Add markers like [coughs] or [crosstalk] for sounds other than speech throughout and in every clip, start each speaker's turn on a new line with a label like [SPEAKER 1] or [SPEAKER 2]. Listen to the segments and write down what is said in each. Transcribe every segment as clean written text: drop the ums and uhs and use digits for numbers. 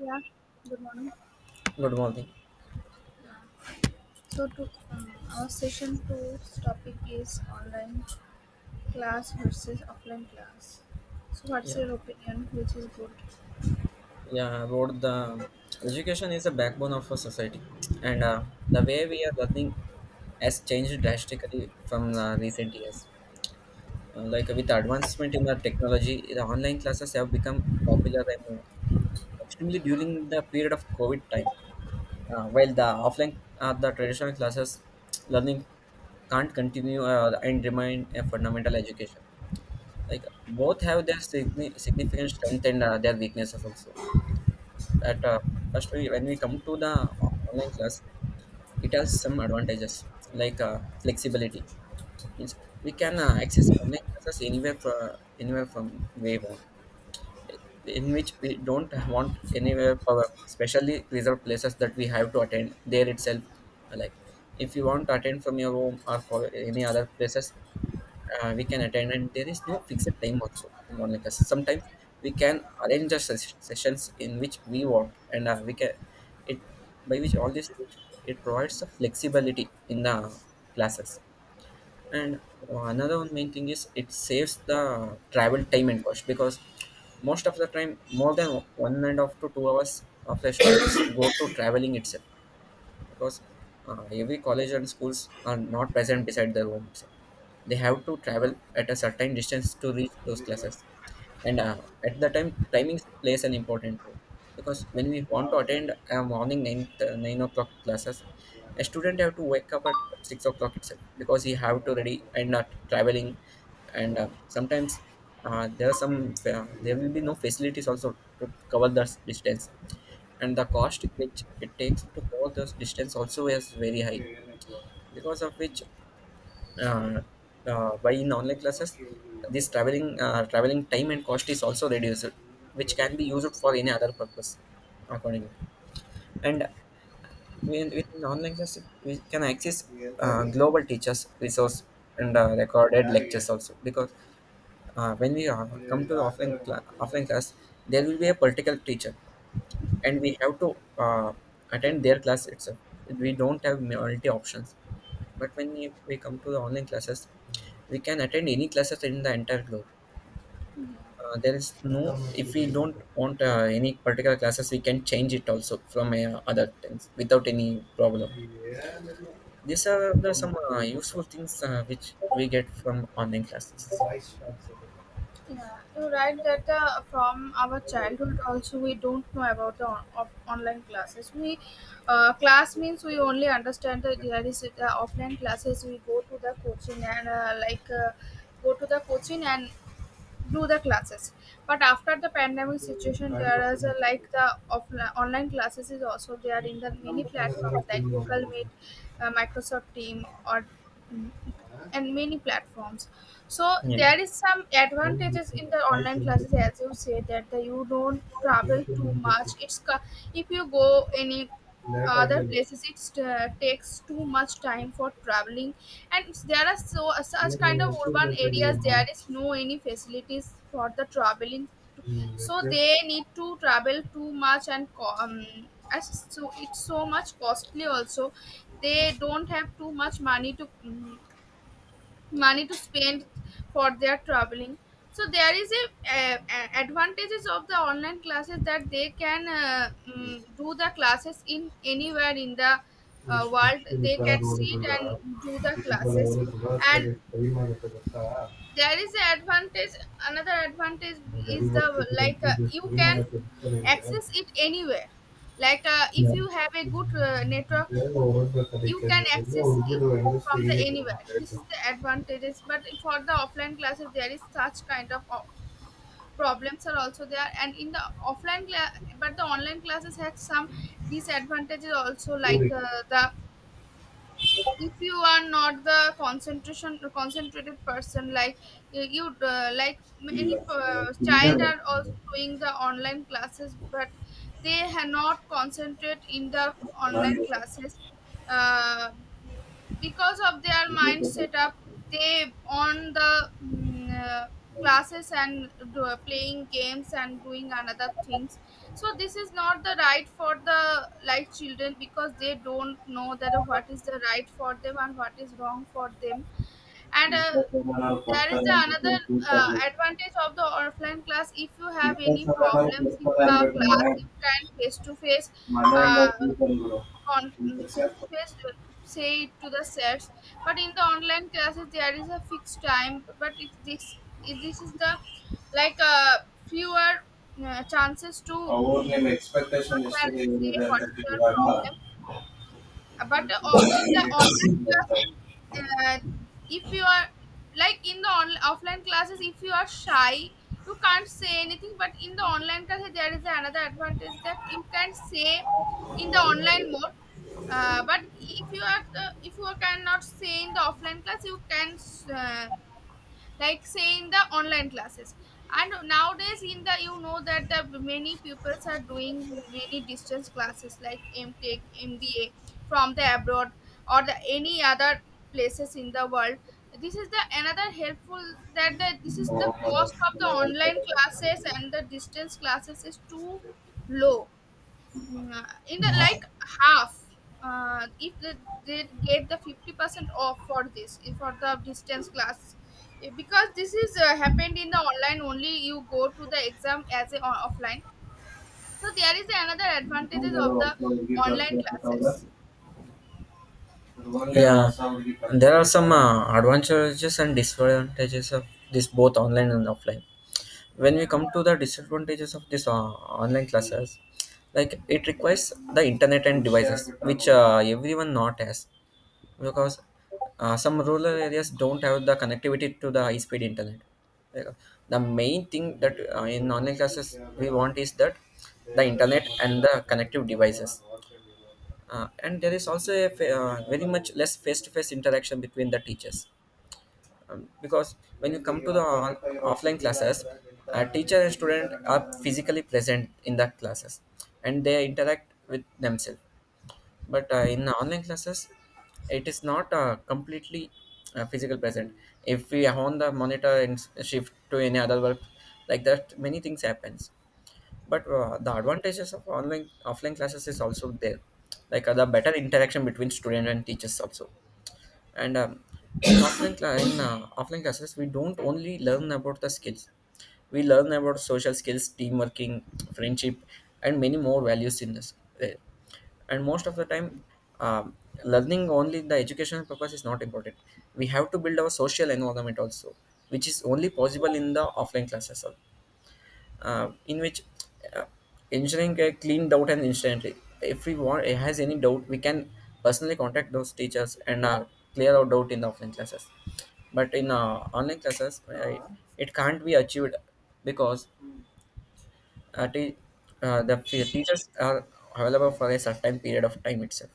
[SPEAKER 1] Yeah, good morning.
[SPEAKER 2] Good morning.
[SPEAKER 1] So, to our session two's topic is online class versus offline class. So, what's
[SPEAKER 2] Yeah,
[SPEAKER 1] your opinion? Which is good?
[SPEAKER 2] yeah. About the education is a backbone of a society, and the way we are learning has changed drastically from recent years. Like with advancement in the technology, the online classes have become popular and extremely during the period of COVID time. While the offline, the traditional classes, learning can't continue and remain a fundamental education. Like both have their significant strength and their weaknesses also. At First when we come to the online class, it has some advantages like flexibility means we can access online classes anywhere from where we want, in which we don't want anywhere power, especially reserved places that we have to attend there itself. Like if you want to attend from your home or any other places, we can attend, and there is no fixed time also in online classes. Sometimes we can arrange the sessions in which we want, and we can it, by which all this it provides a flexibility in the classes. And another one main thing is it saves the travel time and cost, because most of the time more than one and a half to 2 hours of the students [coughs] go to traveling itself, because every college and schools are not present beside their home itself. They have to travel at a certain distance to reach those classes, and at the time, timing plays an important role because when we want to attend a morning 9 o'clock classes, a student have to wake up at 6 o'clock itself because he have to ready and not traveling, and sometimes there are some there will be no facilities also to cover the distance, and the cost which it takes to go this distance also is very high, because of which uh, by in online classes this traveling time and cost is also reduced, which can be used for any other purpose according to. And with an online class we can access global teachers resource and recorded lectures also, because when we come to the offline class, there will be a particular teacher and we have to attend their class itself. We don't have multi options. But when we come to the online classes, we can attend any classes in the entire globe. There is no, if we don't want any particular classes, we can change it also from other things without any problem. These are the some useful things which we get from online classes.
[SPEAKER 1] Yeah, you're right that from our childhood also we don't know about the on- of online classes. We class means We only understand that there is offline classes. We go to the coaching and go to the coaching and do the classes, but after the pandemic situation there is a, like the offline online classes is also there in the many platforms like Google Meet, Microsoft Team, mm, and many platforms. So
[SPEAKER 2] Yes.
[SPEAKER 1] there is some
[SPEAKER 2] help
[SPEAKER 1] advantages
[SPEAKER 2] me
[SPEAKER 1] in the
[SPEAKER 2] I
[SPEAKER 1] online
[SPEAKER 2] चिंता
[SPEAKER 1] classes, as you say, that you don't travel
[SPEAKER 2] चिंता
[SPEAKER 1] too
[SPEAKER 2] नहीं रखो
[SPEAKER 1] much. If you go any
[SPEAKER 2] लैट आ
[SPEAKER 1] other
[SPEAKER 2] गया है
[SPEAKER 1] places, it takes too much time for traveling, and there are so
[SPEAKER 2] मैं
[SPEAKER 1] such kind of
[SPEAKER 2] नहीं कुछ
[SPEAKER 1] urban
[SPEAKER 2] नहीं कर
[SPEAKER 1] areas
[SPEAKER 2] रहा हूं
[SPEAKER 1] there is no any facilities for the traveling,
[SPEAKER 2] मैं
[SPEAKER 1] so
[SPEAKER 2] क्या
[SPEAKER 1] they need to travel too much, as so it's so much costly also. They don't have too much money to money to spend for their traveling. So there is a, advantages of the online classes that they can do the classes in anywhere in the
[SPEAKER 2] मैं
[SPEAKER 1] world.
[SPEAKER 2] मुश्किल
[SPEAKER 1] They
[SPEAKER 2] का
[SPEAKER 1] can
[SPEAKER 2] role
[SPEAKER 1] sit
[SPEAKER 2] कर रहा
[SPEAKER 1] and do the
[SPEAKER 2] हूं इस बार
[SPEAKER 1] classes.
[SPEAKER 2] और थोड़ा सा
[SPEAKER 1] And
[SPEAKER 2] सही मांगा तो करता
[SPEAKER 1] there is an advantage, another advantage
[SPEAKER 2] मैं
[SPEAKER 1] is
[SPEAKER 2] गरीब
[SPEAKER 1] the,
[SPEAKER 2] वक्त की
[SPEAKER 1] like
[SPEAKER 2] रोटी जो
[SPEAKER 1] you
[SPEAKER 2] सही
[SPEAKER 1] can
[SPEAKER 2] मांगा तो करेंगे.
[SPEAKER 1] access it anywhere, like if
[SPEAKER 2] Yeah.
[SPEAKER 1] you have a good network,
[SPEAKER 2] मैं और का
[SPEAKER 1] you
[SPEAKER 2] तरीका
[SPEAKER 1] can
[SPEAKER 2] नहीं है
[SPEAKER 1] access
[SPEAKER 2] और ये
[SPEAKER 1] it
[SPEAKER 2] तो एंगल से
[SPEAKER 1] from
[SPEAKER 2] ही
[SPEAKER 1] the
[SPEAKER 2] करूंगा
[SPEAKER 1] anywhere. This
[SPEAKER 2] बैठ
[SPEAKER 1] is the advantages. But for the offline classes there is such kind of problems are also there, and in the offline class. But the online classes had some disadvantages also,
[SPEAKER 2] जाऊं और
[SPEAKER 1] like the, if you are not the concentration concentrated person, like like
[SPEAKER 2] ಇಲ್ಲ
[SPEAKER 1] many
[SPEAKER 2] ಕಿಂದ
[SPEAKER 1] child are also
[SPEAKER 2] ಬರ್ತದೆ.
[SPEAKER 1] doing the online classes but they have not concentrate in the online
[SPEAKER 2] ಚೆನ್ನಾಗಿದೆ.
[SPEAKER 1] classes. Uh, because of their
[SPEAKER 2] ಇದು
[SPEAKER 1] mind
[SPEAKER 2] ತಗೊಳ್ತಾರೆ.
[SPEAKER 1] setup they on the classes and do, playing games and doing another things. So this is not the right for the like children, because they don't know that what is the right for them and what is wrong for them. And
[SPEAKER 2] ಇಪ್ಪತ್ತು ಜನ
[SPEAKER 1] there is
[SPEAKER 2] ಕೊಡ್ತಾರೆ
[SPEAKER 1] the
[SPEAKER 2] ಅಂದ್ಬಿಟ್ಟು
[SPEAKER 1] another
[SPEAKER 2] ತೂಕ
[SPEAKER 1] advantage of the offline class: if you have
[SPEAKER 2] ಇಪ್ಪತ್ತು
[SPEAKER 1] any
[SPEAKER 2] ಸಾವಿರ ನಾವು
[SPEAKER 1] problems in
[SPEAKER 2] ಕೊಡ್ತಾರೆ
[SPEAKER 1] the class,
[SPEAKER 2] ಅನ್ಬೇಕಂದ್ರೆ
[SPEAKER 1] you can face to face,
[SPEAKER 2] ಮನೆಯಿಂದ
[SPEAKER 1] uh,
[SPEAKER 2] ದುಡ್ಡು ತಂದ್ಬಿಡು
[SPEAKER 1] on
[SPEAKER 2] ಅಂತ
[SPEAKER 1] face to
[SPEAKER 2] ಸೇರ್ತಾರೆ.
[SPEAKER 1] face say it to the sets. But in the online classes there is a fixed time, but it's this, if this is the like fewer chances to
[SPEAKER 2] ಅವ್ರು ನಿಮ್ಮ
[SPEAKER 1] go to the
[SPEAKER 2] expectation
[SPEAKER 1] sir
[SPEAKER 2] ಎಷ್ಟು
[SPEAKER 1] and say
[SPEAKER 2] ಏನಿದೆ
[SPEAKER 1] what's
[SPEAKER 2] ಅಂತ
[SPEAKER 1] your
[SPEAKER 2] ಇವಾಗ.
[SPEAKER 1] problem. But In the online classes, uh, if you are like in the offline classes, if you are shy, you can't say anything. But in the online classes there is another advantage, that you can say in the online mode. But if you are if you cannot say in the offline class, you can uh, like say in the online classes. And nowadays in the, you know that the many pupils are doing many distance classes, like MTech, MBA from the abroad or the any other places in the world. This is the another helpful, that this is the cost of the online classes and the distance classes is too low. In the like half, if they, they get the 50% off for this for the distance class. Eh, because this is happened in the online only, you go to the exam as a offline. So there is another advantages of the online classes,
[SPEAKER 2] There are some advantages and disadvantages of this, both online and offline. When we
[SPEAKER 1] yeah.
[SPEAKER 2] come to the disadvantages of this online classes, like it requires the internet and devices which everyone not has, because some rural areas don't have the connectivity to the high speed internet. Like, the main thing that in online classes we want is that the internet and the connective devices. And there is also a very much less face to face interaction between the teachers, because when you come to the offline classes a teacher and student are physically present in the classes and they interact with themselves. But in online classes it is not completely physical present. If we are on the monitor and shift to any other work, like that many things happens. But the advantages of online offline classes is also there, like the better interaction between student and teachers also. And in offline classes we don't only learn about the skills, we learn about social skills teamwork,ing friendship and many more values in this. uh, and most of the time um, learning only the educational purpose is not important, we have to build our social environment also, which is only possible in the offline classes. In which uh, engineering get cleaned out and instantly. If we want, has any doubt, we can personally contact those teachers and clear our doubt in the offline classes. But in online classes, it can't be achieved, because uh, te- teachers are available for a certain period of time itself.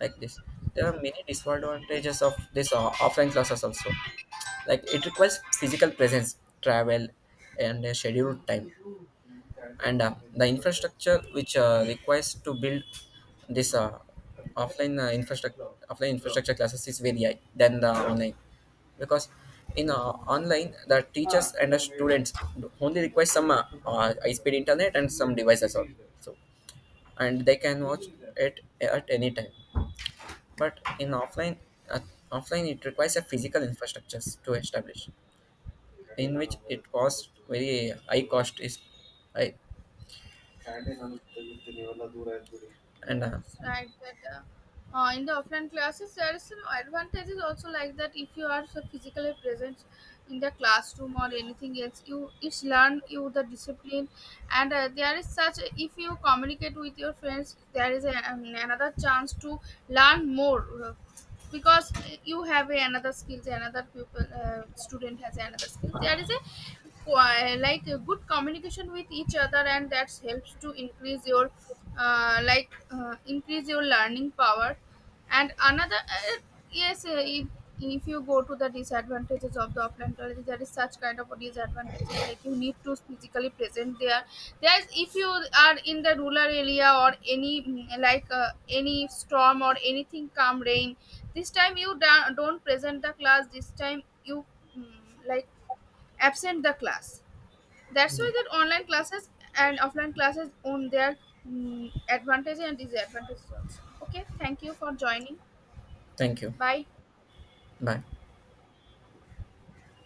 [SPEAKER 2] Like this, there are many disadvantages of this offline classes also, like it requires physical presence travel and a scheduled time, and the infrastructure which requires to build this offline infrastructure classes is very high than the online, because in online the teachers and the students only require some high speed internet and some devices also. So and they can watch it at any time, but in uh, offline it requires a physical infrastructures to establish, in which it costs very high, cost is high. And
[SPEAKER 1] Yeah, it's right that in the offline classes there is some advantages also, like that if you are so physically present in the classroom or anything else, you, it's learn you the discipline. And there is such, if you communicate with your friends there is a, another chance to learn more, because you have a another skills, another pupil student has another skill. There is a like a good communication with each other, and that helps to increase your increase your learning power. And another Yes, if you go to the disadvantages of the offline classes, there is such kind of a disadvantages, like you need to physically present there. There's, if you are in the rural area or any like any storm or anything come rain, this time you don't present the class. This time you mm, like absent the class. That's why that online classes and offline classes own their advantages and disadvantages also. Okay, thank you for joining.
[SPEAKER 2] thank you.
[SPEAKER 1] Bye.
[SPEAKER 2] Bye.